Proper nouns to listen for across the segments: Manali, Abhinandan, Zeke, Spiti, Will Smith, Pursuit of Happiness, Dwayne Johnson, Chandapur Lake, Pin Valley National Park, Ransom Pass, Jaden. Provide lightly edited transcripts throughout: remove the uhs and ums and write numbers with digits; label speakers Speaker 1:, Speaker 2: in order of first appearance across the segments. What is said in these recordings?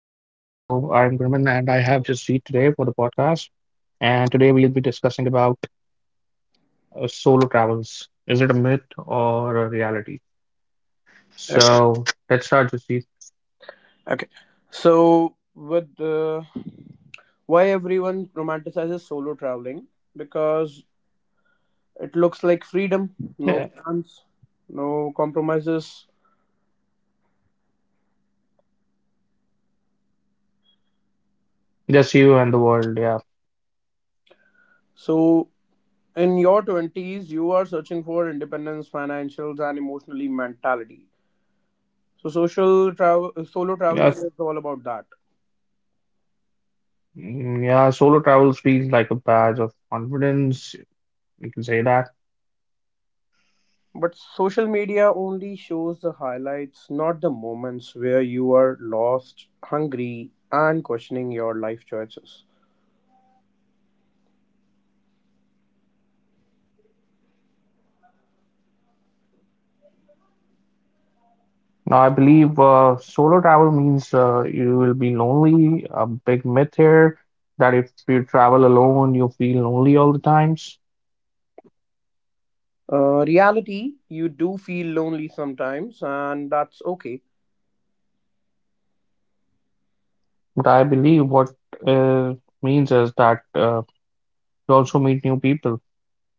Speaker 1: just seat today for the podcast. And today we'll be discussing about solo travels. Is it a myth or a reality?
Speaker 2: Okay.
Speaker 1: So let's start just seat.
Speaker 2: Okay. So, with why everyone romanticizes solo traveling? Because it looks like freedom, no
Speaker 1: Yeah,
Speaker 2: plans, no compromises.
Speaker 1: just you and the world. Yeah,
Speaker 2: So, in your 20s, you are searching for independence, financials, and emotionally mentality. So, solo
Speaker 1: yeah,
Speaker 2: traveling is all about that.
Speaker 1: mm, yeah. Solo travels feels like a badge of confidence. You can say that.
Speaker 2: But social media only shows the highlights, not the moments where you are lost, hungry, and questioning your life choices.
Speaker 1: Now, I believe solo travel means you will be lonely. A big myth here, that if you travel alone, you feel lonely all the times.
Speaker 2: Reality, you do feel lonely sometimes, and that's okay.
Speaker 1: But I believe what uh, means is that you also meet new people.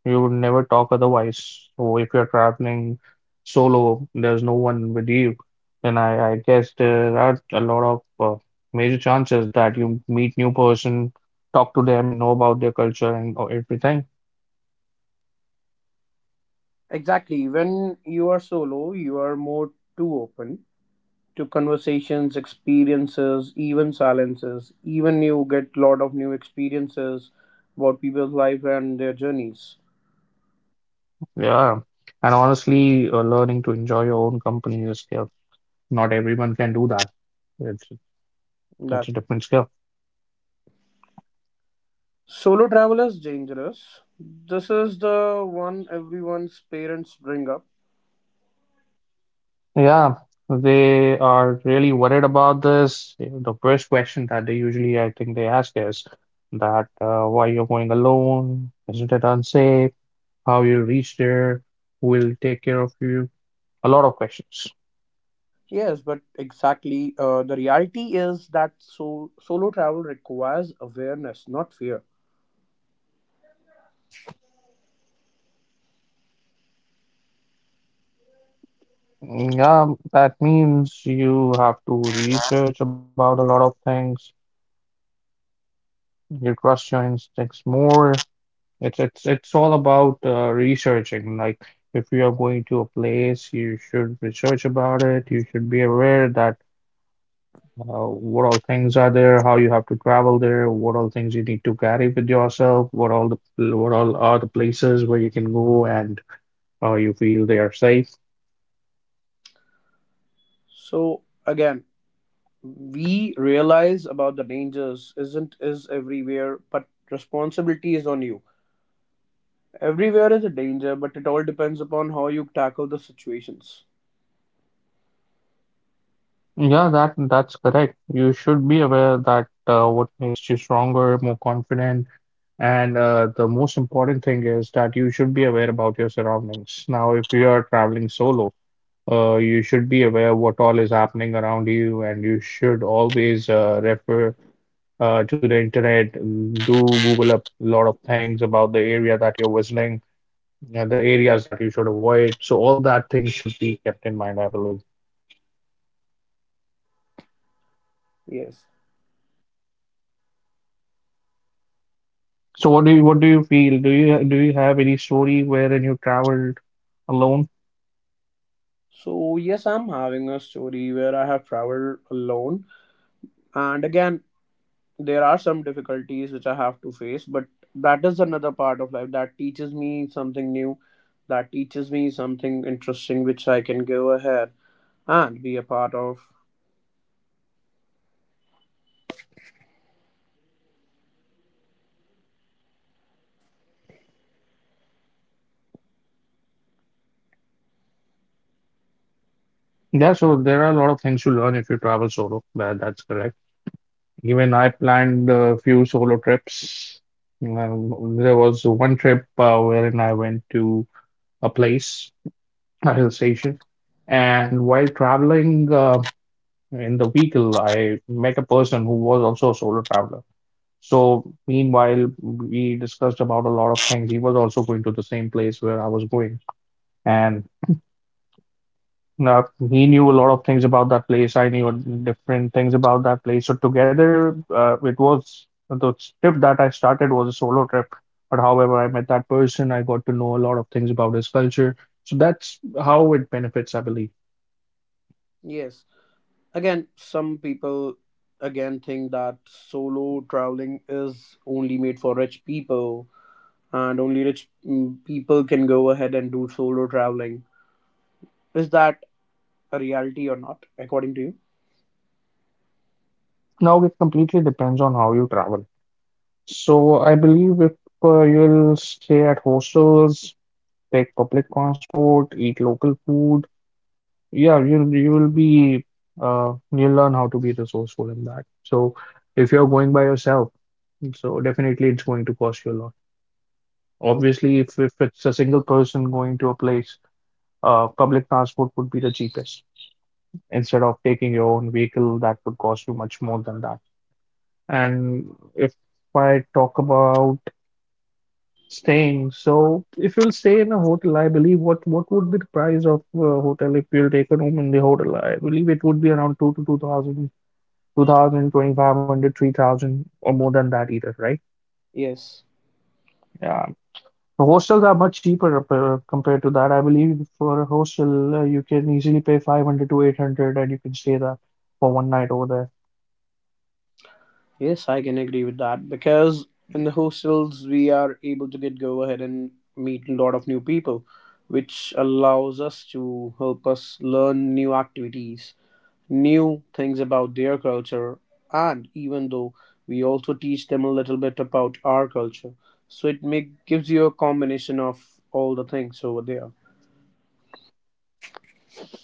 Speaker 1: You would never talk otherwise. So if you're traveling solo, there's no one with you, then I guess there are a lot of major chances that you meet new person, talk to them, know about their culture and everything.
Speaker 2: Exactly. When you are solo, you are more too open to conversations, experiences, even silences. Even you get a lot of new experiences about people's life and their journeys.
Speaker 1: Yeah. And honestly, learning to enjoy your own company is a skill. Not everyone can do that. It's it's a
Speaker 2: That's
Speaker 1: different skill.
Speaker 2: solo travel is dangerous. This is the one everyone's parents bring up.
Speaker 1: Yeah, they are really worried about this. The first question that they usually, I think, they ask is that why you're going alone? Isn't it unsafe? How you'll reach there? Who will take care of you? A lot of questions.
Speaker 2: Yes, but exactly. The reality is that so solo travel requires awareness, not fear.
Speaker 1: Mm, yeah, that means you have to research about a lot of things. You trust your instincts more. It's all about researching. Like if you are going to a place, you should research about it. You should be aware that what all things are there, how you have to travel there, what all things you need to carry with yourself, what all are the places where you can go and you feel they are safe.
Speaker 2: So again, we realize about the dangers isn't is everywhere, but responsibility is on you. Everywhere is a danger, but it all depends upon how you tackle the situations.
Speaker 1: Yeah, that's correct. You should be aware that what makes you stronger, more confident, and the most important thing is that you should be aware about your surroundings. Now, if you are traveling solo, you should be aware what all is happening around you, and you should always refer to the internet, mm, do Google up a lot of things about the area that you're visiting, and the areas that you should avoid. So all that things should be kept in mind, I believe.
Speaker 2: Yes.
Speaker 1: So what do you feel? Do you have any story wherein you traveled alone?
Speaker 2: So yes, I'm having a story where I have traveled alone, and again, there are some difficulties which I have to face, but that is another part of life that teaches me something new, that teaches me something interesting which I can go ahead and be a part of.
Speaker 1: Yeah, so there are a lot of things to learn if you travel solo. That's correct. Even I planned a few solo trips. There was one trip wherein I went to a place, a hill station, and while traveling in the vehicle, I met a person who was also a solo traveler. So meanwhile, we discussed about a lot of things. He was also going to the same place where I was going. And uh, he knew a lot of things about that place. I knew different things about that place. So together, it was the trip that I started was a solo trip. But however, I met that person. I got to know a lot of things about his culture. So that's how it benefits, I believe.
Speaker 2: Yes. Again, some people again think that solo traveling is only made for rich people and only rich people can go ahead and do solo traveling. Is that a reality or not, according to you?
Speaker 1: Now it completely depends on how you travel. So I believe if you'll stay at hostels, take public transport, eat local food. Yeah, you will be uh, you'll learn how to be resourceful in that. So if you're going by yourself, so definitely it's going to cost you a lot. Obviously, if it's a single person going to a place, uh, public transport would be the cheapest. Instead of taking your own vehicle, that would cost you much more than that. And if I talk about staying, so if you'll stay in a hotel, I believe what would be the price of a hotel if you'll take a room in the hotel? I believe it would be around two thousand, two thousand, 2,500, 3,000, or more than that either, right?
Speaker 2: Yes,
Speaker 1: Yeah. The hostels are much cheaper compared to that. I believe for a hostel, you can easily pay 500 to 800 and you can stay there for one night over
Speaker 2: yes, I can agree with that because
Speaker 1: there.
Speaker 2: in the hostels we are able to get go ahead and meet a lot of new people, which allows us to help us learn new activities, new things about their culture, and even though we also teach them a little bit about our culture, so it make gives you a combination of all the things over there.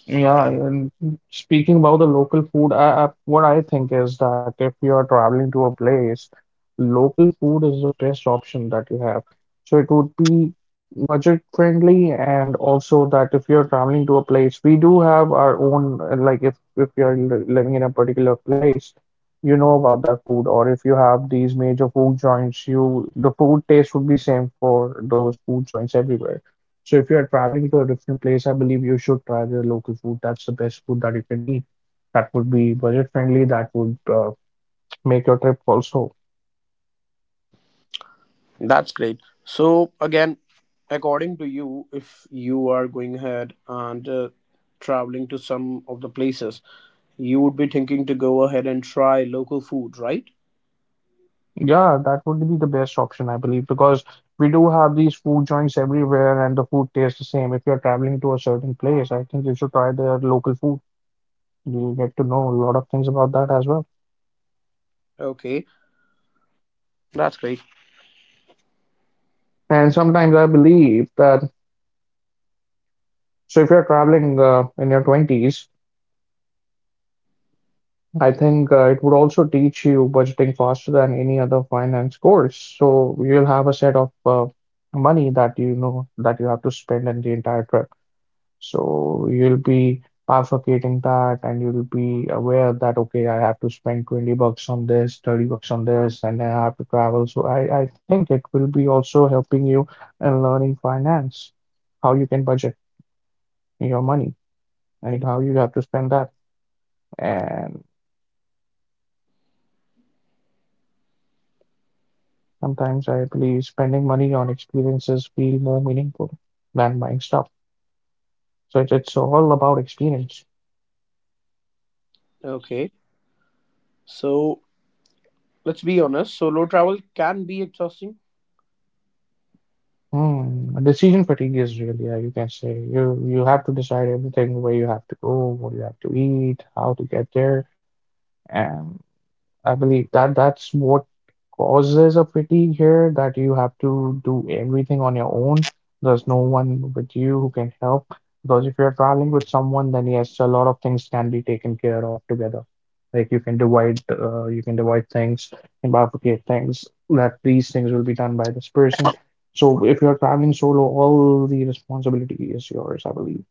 Speaker 1: Yeah, and speaking about the local food, what I think is that if you are traveling to a place, local food is the best option that you have. So it would be budget friendly, and also that if you're traveling to a place, we do have our own, like if you're living in a particular place, you know about that food, or if you have these major food joints, you the food taste would be same for those food joints everywhere. So if you are traveling to a different place, I believe you should try the local food. That's the best food that you can eat. That would be budget friendly. That would make your trip also.
Speaker 2: That's great. So again, according to you, if you are going ahead and traveling to some of the places, you would be thinking to go ahead and try local food, right?
Speaker 1: Yeah, that would be the best option, I believe, because we do have these food joints everywhere and the food tastes the same. If you're traveling to a certain place, I think you should try their local food. You'll get to know a lot of things about that as well.
Speaker 2: Okay, that's great.
Speaker 1: And sometimes I believe that, so if you're traveling in your 20s, I think it would also teach you budgeting faster than any other finance course. So you'll have a set of money that you know that you have to spend in the entire trip. So you'll be bifurcating that and you'll be aware that, okay, I have to spend 20 bucks on this, 30 bucks on this, and I have to travel. So I think it will be also helping you in learning finance, how you can budget your money
Speaker 2: I
Speaker 1: and
Speaker 2: d-
Speaker 1: how you have to spend that.
Speaker 2: I-
Speaker 1: And sometimes I believe spending money on experiences feel more meaningful than buying stuff. So it's all about experience.
Speaker 2: okay, so let's be honest, solo travel can be exhausting.
Speaker 1: Hmm. Decision fatigue is real, yeah, you can say. You have to decide everything, where you have to go, what you have to eat, how to get there. And I believe that that's what causes a fatigue here, that you have to do everything on your own. There's no one with you who can help. Because if you're traveling with someone, then yes, a lot of things can be taken care of together. Like you can divide things and bifurcate things, that these things will be done by this person. So if you're traveling solo, all the responsibility is yours, I believe.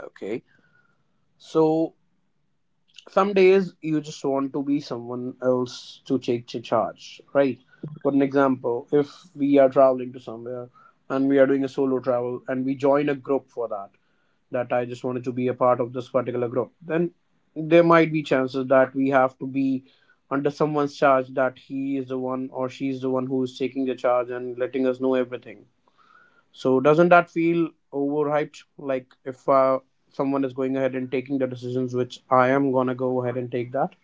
Speaker 2: Okay. So some days you just want to be someone else to take the charge, right? For an example, if we are traveling to somewhere and we are doing a solo travel and we join a group for that, that I just wanted to be a part of this particular group, then there might be chances that we have to be under someone's charge, that he is the one or she is the one who is taking the charge and letting us know everything. So doesn't that feel overhyped? Like if someone is going ahead and taking the decisions, which I am gonna go ahead and take that.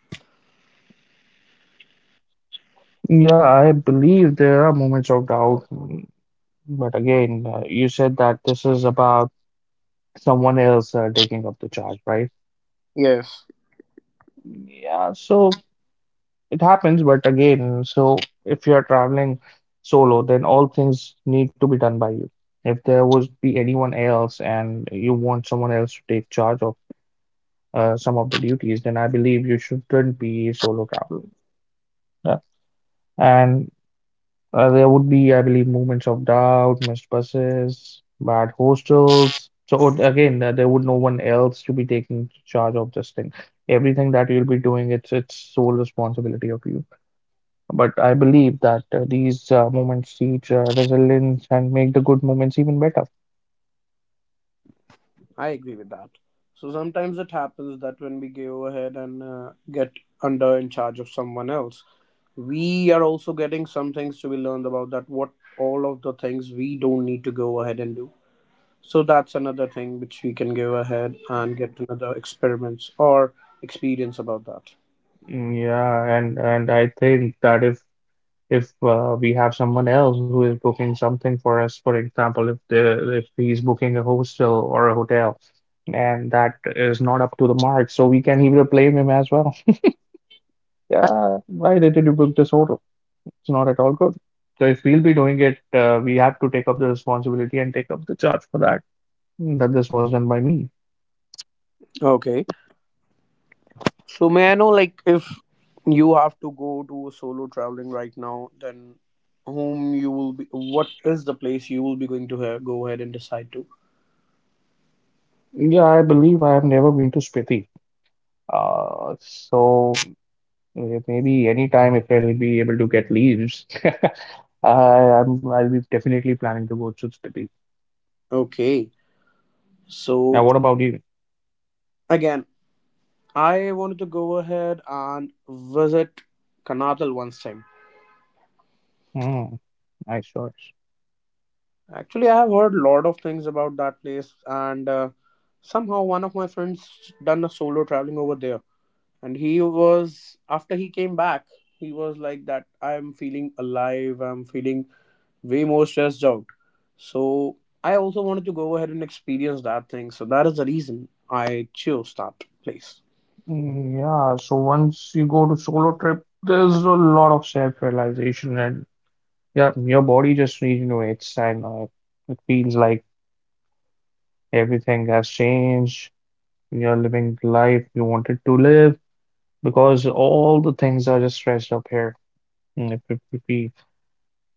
Speaker 1: Yeah, I believe there are moments of doubt. But again, you said that this is about someone else taking up the charge, right?
Speaker 2: Yes,
Speaker 1: Yeah, so it happens, but again, so if you're traveling solo, then all things need to be done by you. If there would be anyone else and you want someone else to take charge of some of the duties, then I believe you shouldn't be solo traveling. Yeah. And there would be, I believe, moments of doubt, missed buses, bad hostels. So again, there would no one else to be taking charge of this thing. Everything that you'll be doing, it's its sole responsibility of you. But I believe that these moments teach resilience and make the good moments even better.
Speaker 2: I agree with that. So sometimes it happens that when we go ahead and get under in charge of someone else, we are also getting some things to be learned about that, what all of the things we don't need to go ahead and do. So that's another thing which we can go ahead and get another experiments or experience about
Speaker 1: Yeah, and I think that if we have someone else who is booking something for us, for example, if he's booking a hostel or a hotel and that is not up to the mark, so we can either blame him as well.
Speaker 2: that.
Speaker 1: Yeah, why did you book this hotel? It's not at all good. So if we'll be doing it, we have to take up the responsibility and take up the charge for that, that this was done by me.
Speaker 2: Okay. So may I know, like, if you have to go to solo traveling right now, then whom you will be? What is the place you will be going to go ahead and decide to?
Speaker 1: Yeah, I believe I have never been to Spiti. Uh, so Maybe anytime if I'll be able to get leaves, I'll be definitely planning to go to Spiti.
Speaker 2: Okay.
Speaker 1: Now,
Speaker 2: So
Speaker 1: what about you?
Speaker 2: again, I wanted to go ahead and visit Karnataka once time.
Speaker 1: Mm, nice choice.
Speaker 2: Actually, I have heard a lot of things about that place, and somehow one of my friends done a solo traveling over there. And he was after he came back, he was like that, I'm feeling alive. I'm feeling way more stressed out. So I also wanted to go ahead and experience that thing. So that is the reason I chose that place.
Speaker 1: Mm, yeah, so once you go to solo trip, there's a lot of self-realization and yeah, your body just regenerates and it feels like everything has changed. You're living the life you wanted to live because all the things are just stressed up here. Mm, if we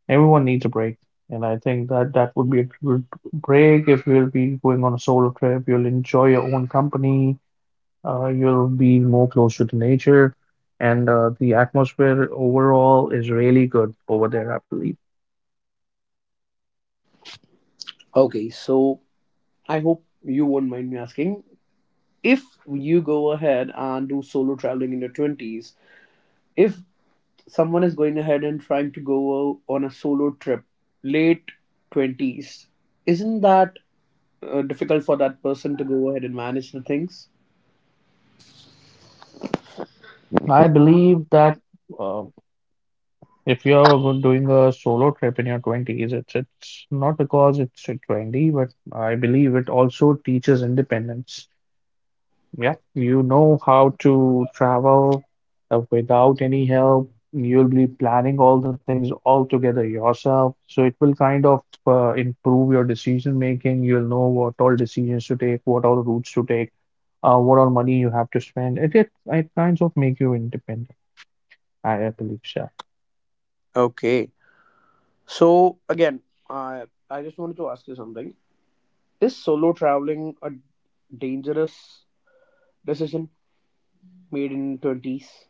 Speaker 1: Everyone needs a break, and I think that that would be a good break if you'll be going on a solo trip. You'll enjoy your own company. You'll be more closer to nature, and the atmosphere overall is really good over there, I believe.
Speaker 2: Okay, so I hope you won't mind me asking, if you go ahead and do solo traveling in your 20s, if someone is going ahead and trying to go on a solo trip late 20s, isn't that difficult for that person to go ahead and manage the things?
Speaker 1: I believe that uh, if you're doing a solo trip in your 20s, it's not because it's a trendy, but I believe it also teaches independence. Yeah, you know how to travel without any help. You'll be planning all the things all together yourself. So it will kind of improve your decision making. You'll know what all decisions to take, what all routes to take, what all money you have to spend. It kinds of make you independent, I believe so.
Speaker 2: Okay, so again, I just wanted to ask you something. Is solo traveling a dangerous decision made in 20s?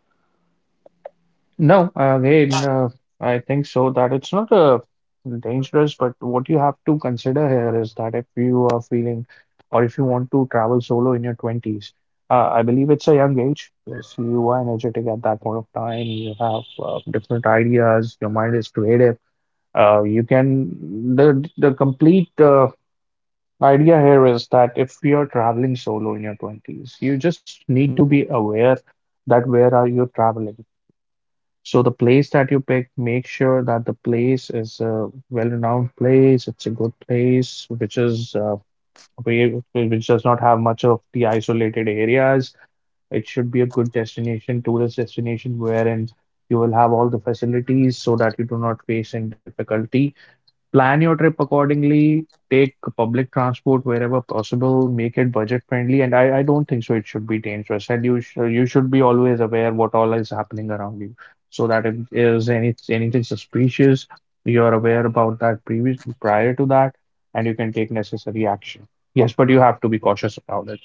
Speaker 1: No, again, I think so that it's not dangerous, but what you have to consider here is that if you are feeling or if you want to travel solo in your 20s, I believe it's a young age. Yes, you are energetic at that point of time. You have different ideas. Your mind is creative. You can, the complete idea here is that if you're traveling solo in your 20s, you just need to be aware that where are you traveling, so the place that you pick, make sure that the place is a well-renowned place. It's a good place, which is where which does not have much of the isolated areas. It should be a good destination, tourist destination, wherein you will have all the facilities so that you do not face any difficulty. Plan your trip accordingly, take public transport wherever possible, make it budget friendly, and I don't think so it should be dangerous. And you should be always aware what all is happening around you, so that if there's any anything suspicious, you're aware about that previous prior to that, and you can take necessary action. Yes, but you have to be cautious about it.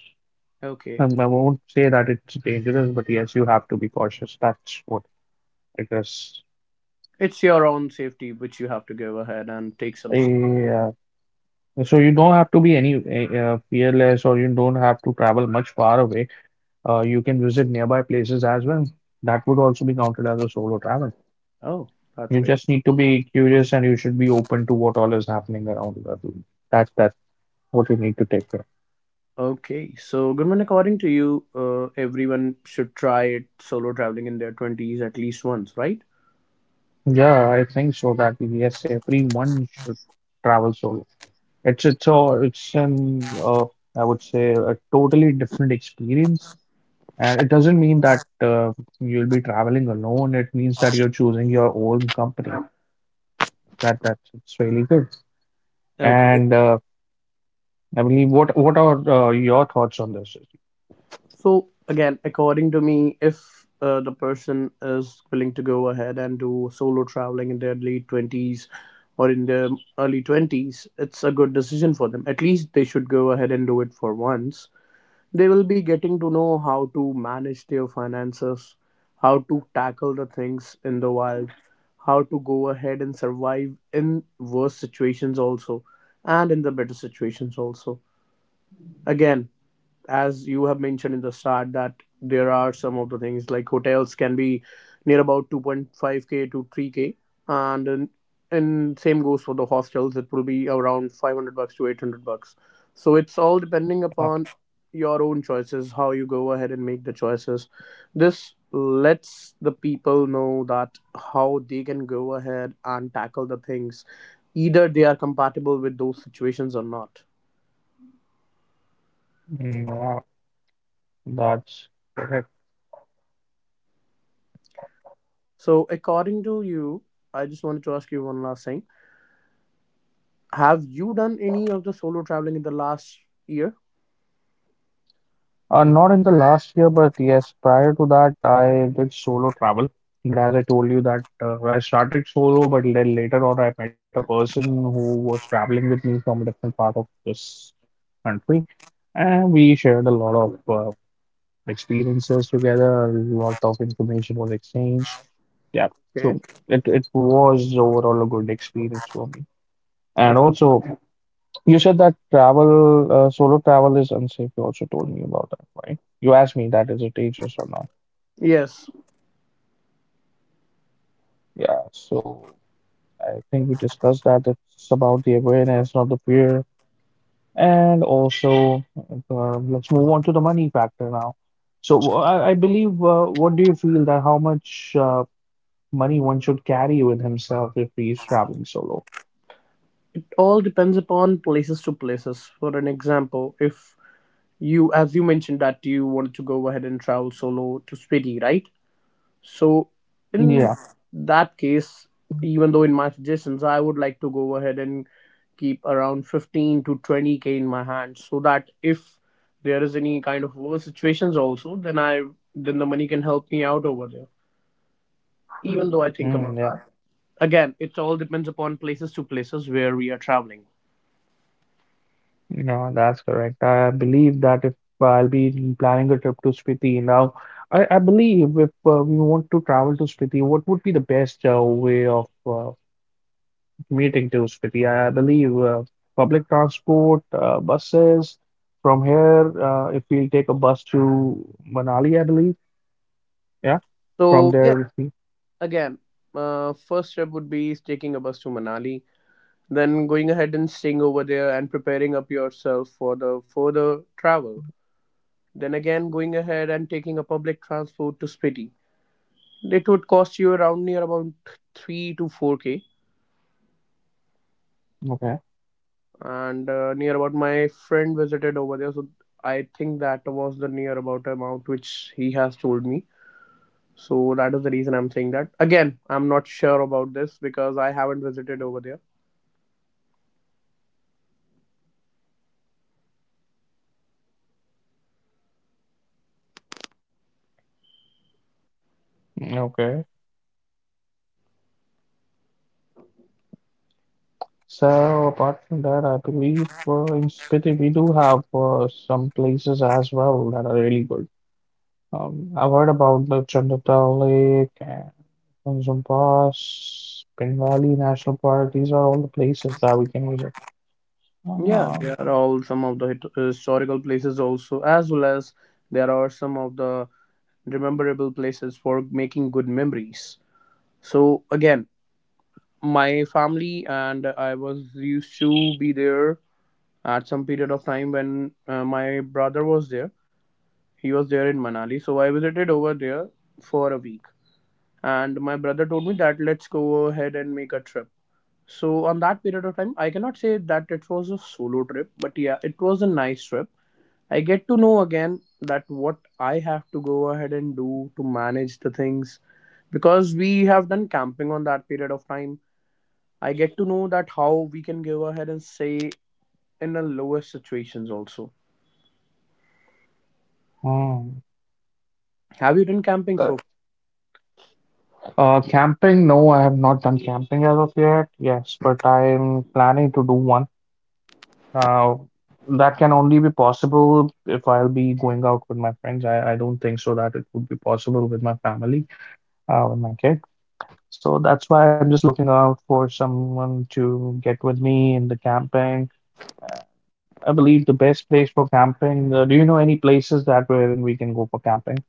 Speaker 2: Okay.
Speaker 1: I won't say that it's dangerous, but yes, you have to be cautious. That's what it is.
Speaker 2: It's your own safety which you have to go ahead and take some.
Speaker 1: Yeah. So you don't have to be any fearless, or you don't have to travel much far away. You can visit nearby places as well. That would also be counted as a solo travel.
Speaker 2: Oh, that's
Speaker 1: You
Speaker 2: great.
Speaker 1: just need to be curious, and you should be open to what all is happening around the world. That's what you need to take care.
Speaker 2: Okay. So, Goodman, according to you, everyone should try it solo traveling in their 20s at least once, right?
Speaker 1: Yeah, I think so that yes, everyone should travel solo. It's a, it's an I would say a totally different experience. And it doesn't mean that you'll be traveling alone. It means that you're choosing your own company. That's it's really good.
Speaker 2: Okay.
Speaker 1: And I believe what are your thoughts on this?
Speaker 2: So again, according to me, if the person is willing to go ahead and do solo traveling in their late 20s or in their early 20s, it's a good decision for them. At least they should go ahead and do it for once. They will be getting to know how to manage their finances, how to tackle the things in the wild, how to go ahead and survive in worse situations also, and in the better situations also. Again, as you have mentioned in the start, that there are some of the things like hotels can be near about 2.5k to 3k, and in, and same goes for the hostels, it will be around 500 bucks to 800 bucks, so it's all depending
Speaker 1: Uh,
Speaker 2: upon your own choices, how you go ahead and make the choices. This lets the people know that how they can go ahead and tackle the things, either they are compatible with those situations or not.
Speaker 1: yeah, that's correct.
Speaker 2: So, according to you, I just wanted to ask you one last thing. Have you done any of the solo traveling in the last year?
Speaker 1: Not in the last year, but yes, prior to that, I did solo travel. But as I told you that I started solo, but then later on, I met a person who was traveling with me from a different part of this country, and we shared a lot of experiences together. A lot of information was exchanged. Yeah,
Speaker 2: Okay.
Speaker 1: so it was overall a good experience for me.
Speaker 2: Uh,
Speaker 1: And also, you said that travel, solo travel is unsafe. You also told me about that, right? You asked me that is it dangerous or not?
Speaker 2: Yes.
Speaker 1: Yeah, so I think we discussed that. It's about the awareness, not the fear. And also, let's move on to the money factor now. So I believe, what do you feel that how much money one should carry with himself if he is traveling solo.
Speaker 2: All depends upon places to places. For an example, if you, as you mentioned, that you wanted to go ahead and travel solo to Spiti, right? So, in
Speaker 1: Yeah,
Speaker 2: that case, even though in my suggestions, I would like to go ahead and keep around 15 to 20k in my hand, so that if there is any kind of over situations also, then I then the money can help me out over there. Even though I think
Speaker 1: mm,
Speaker 2: about
Speaker 1: yeah,
Speaker 2: that. Again, it all depends upon places to places where we are traveling.
Speaker 1: no, that's correct. I believe that if I'll be planning a trip to Spiti now, I believe if we want to travel to Spiti, what would be the best way of meeting to Spiti? I believe public transport, buses from here. If we'll take a bus to Manali, I believe. Yeah, from
Speaker 2: So, yes,
Speaker 1: there.
Speaker 2: again, first step would be taking a bus to Manali. Then going ahead and staying over there and preparing up yourself for the further travel. Then again going ahead and taking a public transport to Spiti. It would cost you around near about 3 to 4k.
Speaker 1: Okay.
Speaker 2: And near about my friend visited over there, so I think that was the near about amount which he has told me. So that is the reason I'm saying that. Again, I'm not sure about this because I haven't visited over there.
Speaker 1: Hmm, okay. So apart from that, I believe in Spiti we do have some places as well that are really good. I've heard about the Chandapur Lake and Ransom Pass, Pin Valley National Park. These are all the places that we can visit.
Speaker 2: Yeah, there
Speaker 1: Um,
Speaker 2: are all some of the historical places also, as well as there are some of the rememberable places for making good memories. So again, my family and I was used to be there at some period of time when my brother was there. He was there in Manali, so I visited over there for a week. And my brother told me that let's go ahead and make a trip. So on that period of time, I cannot say that it was a solo trip, but yeah, it was a nice trip. I get to know again that what I have to go ahead and do to manage the things, because we have done camping on that period of time. I get to know that how we can go ahead and say in the lowest situations also.
Speaker 1: hmm.
Speaker 2: Have you done camping so
Speaker 1: Correct.
Speaker 2: far?
Speaker 1: Camping? No, I have not done camping as of yet. Yes, but I am planning to do one. Uh, that can only be possible if I'll be going out with my friends. I don't think so that it would be possible with my family, with my kid. So that's why I'm just looking out for someone to get with me in the camping. Uh, I believe the best place for camping. Do you know any places that wherein we can go for camping?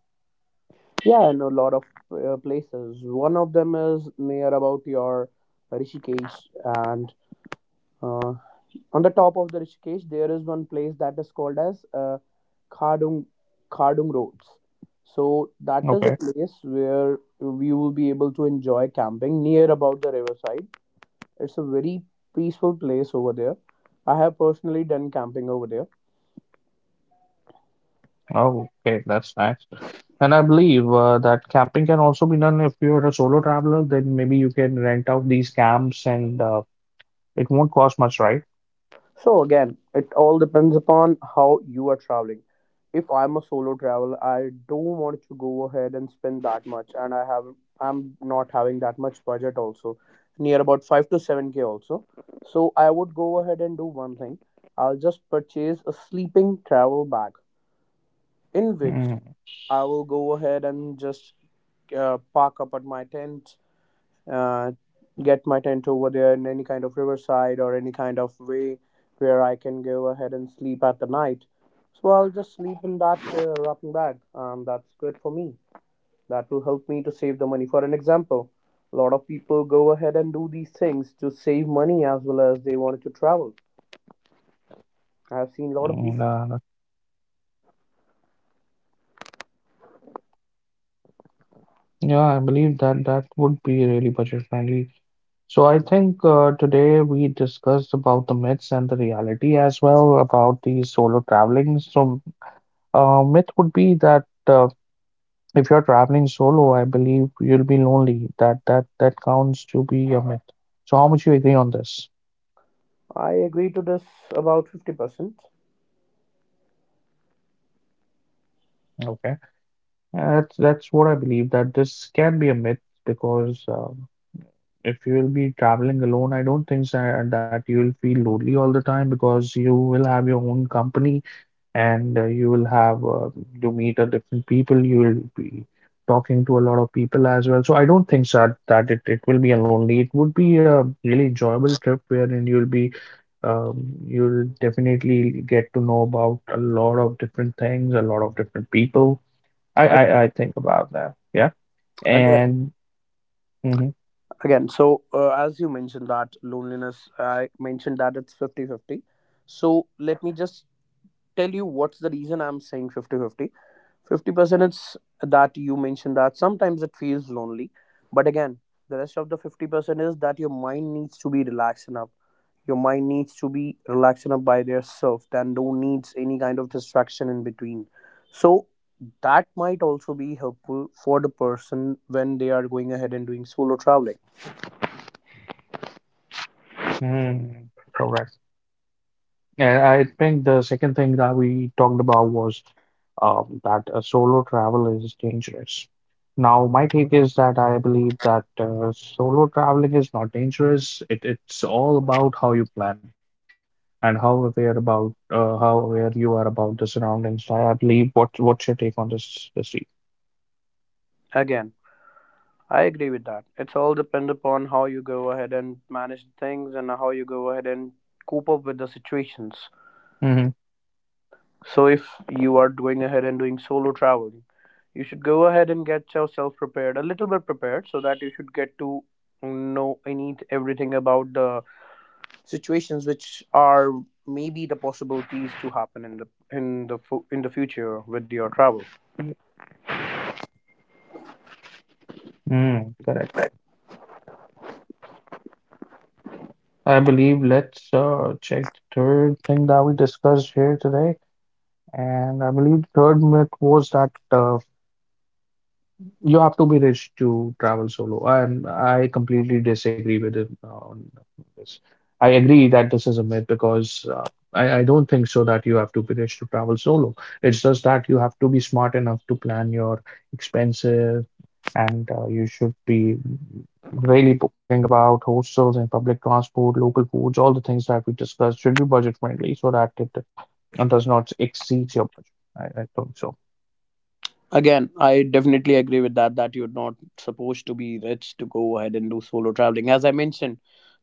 Speaker 2: Yeah, I know a lot of places. One of them is near about your Rishikesh, and uh, on the top of the Rishikesh, there is one place that is called as Khadung Khadung Roads. So that is a
Speaker 1: Okay.
Speaker 2: place where we will be able to enjoy camping near about the riverside. It's a very peaceful place over there. I have personally done camping over there.
Speaker 1: Oh, okay, that's nice. And I believe that camping can also be done if you're a solo traveler, then maybe you can rent out these camps and it won't cost much, right?
Speaker 2: So again, it all depends upon how you are traveling. If I'm a solo traveler, I don't want to go ahead and spend that much, and I'm not having that much budget also, near about 5 to 7k also. So I would go ahead and do one thing. I'll just purchase a sleeping travel bag in which
Speaker 1: Mm,
Speaker 2: I will go ahead and just park up at my tent, uh, get my tent over there in any kind of riverside or any kind of way where I can go ahead and sleep at the night. So I'll just sleep in that wrapping bag, and that's good for me. That will help me to save the money. For an example, a lot of people go ahead and do these things to save money as well as they wanted to travel. I have seen a lot of people.
Speaker 1: and, yeah, I believe that that would be really budget friendly. So I think today we discussed about the myths and the reality as well about the solo traveling. So myth would be that if you're traveling solo, I believe you'll be lonely. That counts to be a myth. So how much you agree on this?
Speaker 2: I agree to this about 50%.
Speaker 1: Okay. That's what I believe that this can be a myth because if you will be traveling alone, I don't think that you will feel lonely all the time because you will have your own company and you will have you meet a different people. You will be talking to a lot of people as well. So I don't think that it will be a lonely. It would be a really enjoyable trip wherein you'll be you'll definitely get to know about a lot of different things, a lot of different people. I
Speaker 2: I,
Speaker 1: I, I think about that. Yeah.
Speaker 2: again,
Speaker 1: And mm-hmm,
Speaker 2: again, as you mentioned that loneliness, I mentioned that it's 50 50. So let me just tell you what's the reason I'm saying 50-50. Fifty 50% is that you mentioned that sometimes it feels lonely, but again, the rest of the 50% is that your mind needs to be relaxed enough, your mind needs to be relaxed enough by their self and don't needs any kind of distraction in between, so that might also be helpful for the person when they are going ahead and doing solo traveling.
Speaker 1: mm, correct. And I think the second thing that we talked about was that solo travel is dangerous. Now, my take is that I believe that solo traveling is not dangerous. It's all about how you plan and how aware about how aware you are about the surroundings. I believe what's your take on this, this.
Speaker 2: Again, I agree with that. It's all depend upon how you go ahead and manage things and how you go ahead and cope up with the situations.
Speaker 1: Mm-hmm.
Speaker 2: So if you are going ahead and doing solo traveling, you should go ahead and get yourself prepared, a little bit prepared, so that you should get to know any everything about the situations which are maybe the possibilities to happen in the future with your travel.
Speaker 1: Mm, correct. I believe let's check the third thing that we discussed here today. And I believe the third myth was that you have to be rich to travel solo. And I completely disagree with it on this. I agree that this is a myth because I don't think so that you have to be rich to travel solo. It's just that you have to be smart enough to plan your expenses and you should be really booking about hostels and public transport, local foods, all the things that we discussed should be budget friendly so that it does not exceed your budget. I think so.
Speaker 2: Again, I definitely agree with that, that you're not supposed to be rich to go ahead and do solo traveling. As I mentioned,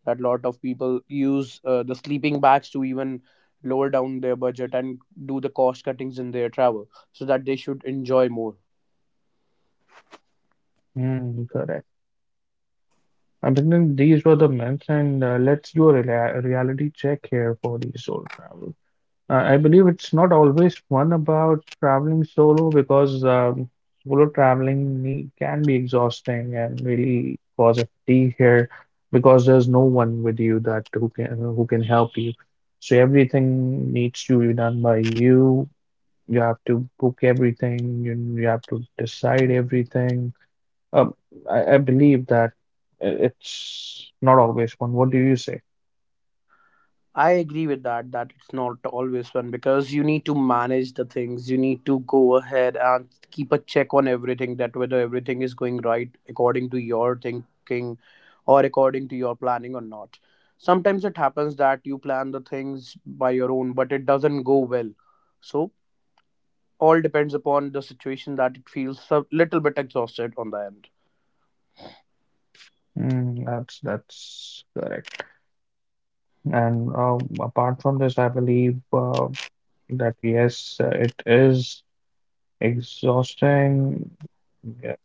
Speaker 2: that lot of people use the sleeping bags to even lower down their budget and do the cost cuttings in their travel so that they should enjoy more.
Speaker 1: Mm, correct. Abhinandan, these were the myths, and let's do a reality check here for the solo travel. I believe it's not always fun about traveling solo because can be exhausting and really cause a fatigue here because there's no one with you that who can help you. So everything needs to be done by you. You have to book everything. You have to decide everything. Um, I believe that it's not always one. What do you say?
Speaker 2: I agree with that, that it's not always fun because you need to manage the things. You need to go ahead and keep a check on everything that whether everything is going right according to your thinking or according to your planning or not. Sometimes it happens that you plan the things by your own, but it doesn't go well. So all depends upon the situation, that it feels a little bit exhausted on the end.
Speaker 1: Mm, that's correct. And apart from this, I believe that yes, it is exhausting. Yeah.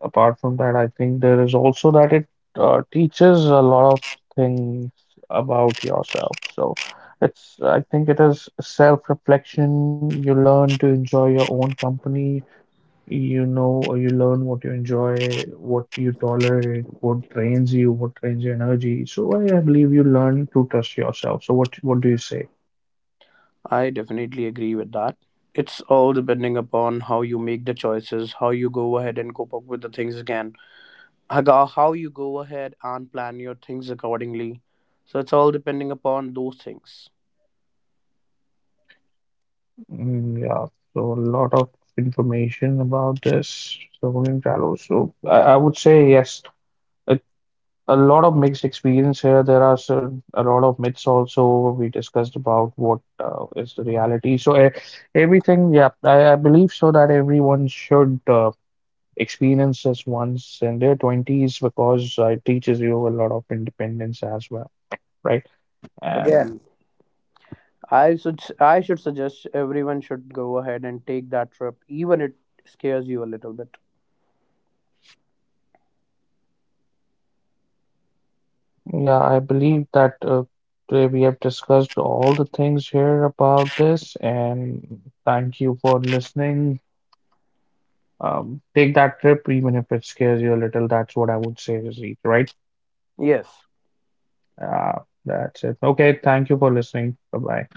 Speaker 1: Apart from that, I think there is also that it teaches a lot of things about yourself. So I think it is self-reflection. You learn to enjoy your own company. You know, or you learn what you enjoy, what you tolerate, what drains you, what drains your energy. So I believe you learn to trust yourself. So what do you say?
Speaker 2: I definitely agree with that. It's all depending upon how you make the choices, how you go ahead and cope up with the things again, how you go ahead and plan your things accordingly. So it's all depending upon those things.
Speaker 1: Mm, yeah. So a lot of information about this. So going travel. So I would say yes. A, a lot of mixed experience here. There are certain, a lot of myths also. We discussed about what is the reality. Everything. Yeah, I believe so that everyone should. Experiences once in their 20s because it teaches you a lot of independence as well, right? And
Speaker 2: Again, I should suggest everyone should go ahead and take that trip, even it scares you a little bit.
Speaker 1: yeah, I believe that today we have discussed all the things here about this, and thank you for listening. Take that trip, even if it scares you a little. That's what I would say, Zeke, right?
Speaker 2: Yes.
Speaker 1: That's it. Okay, thank you for listening. Bye bye.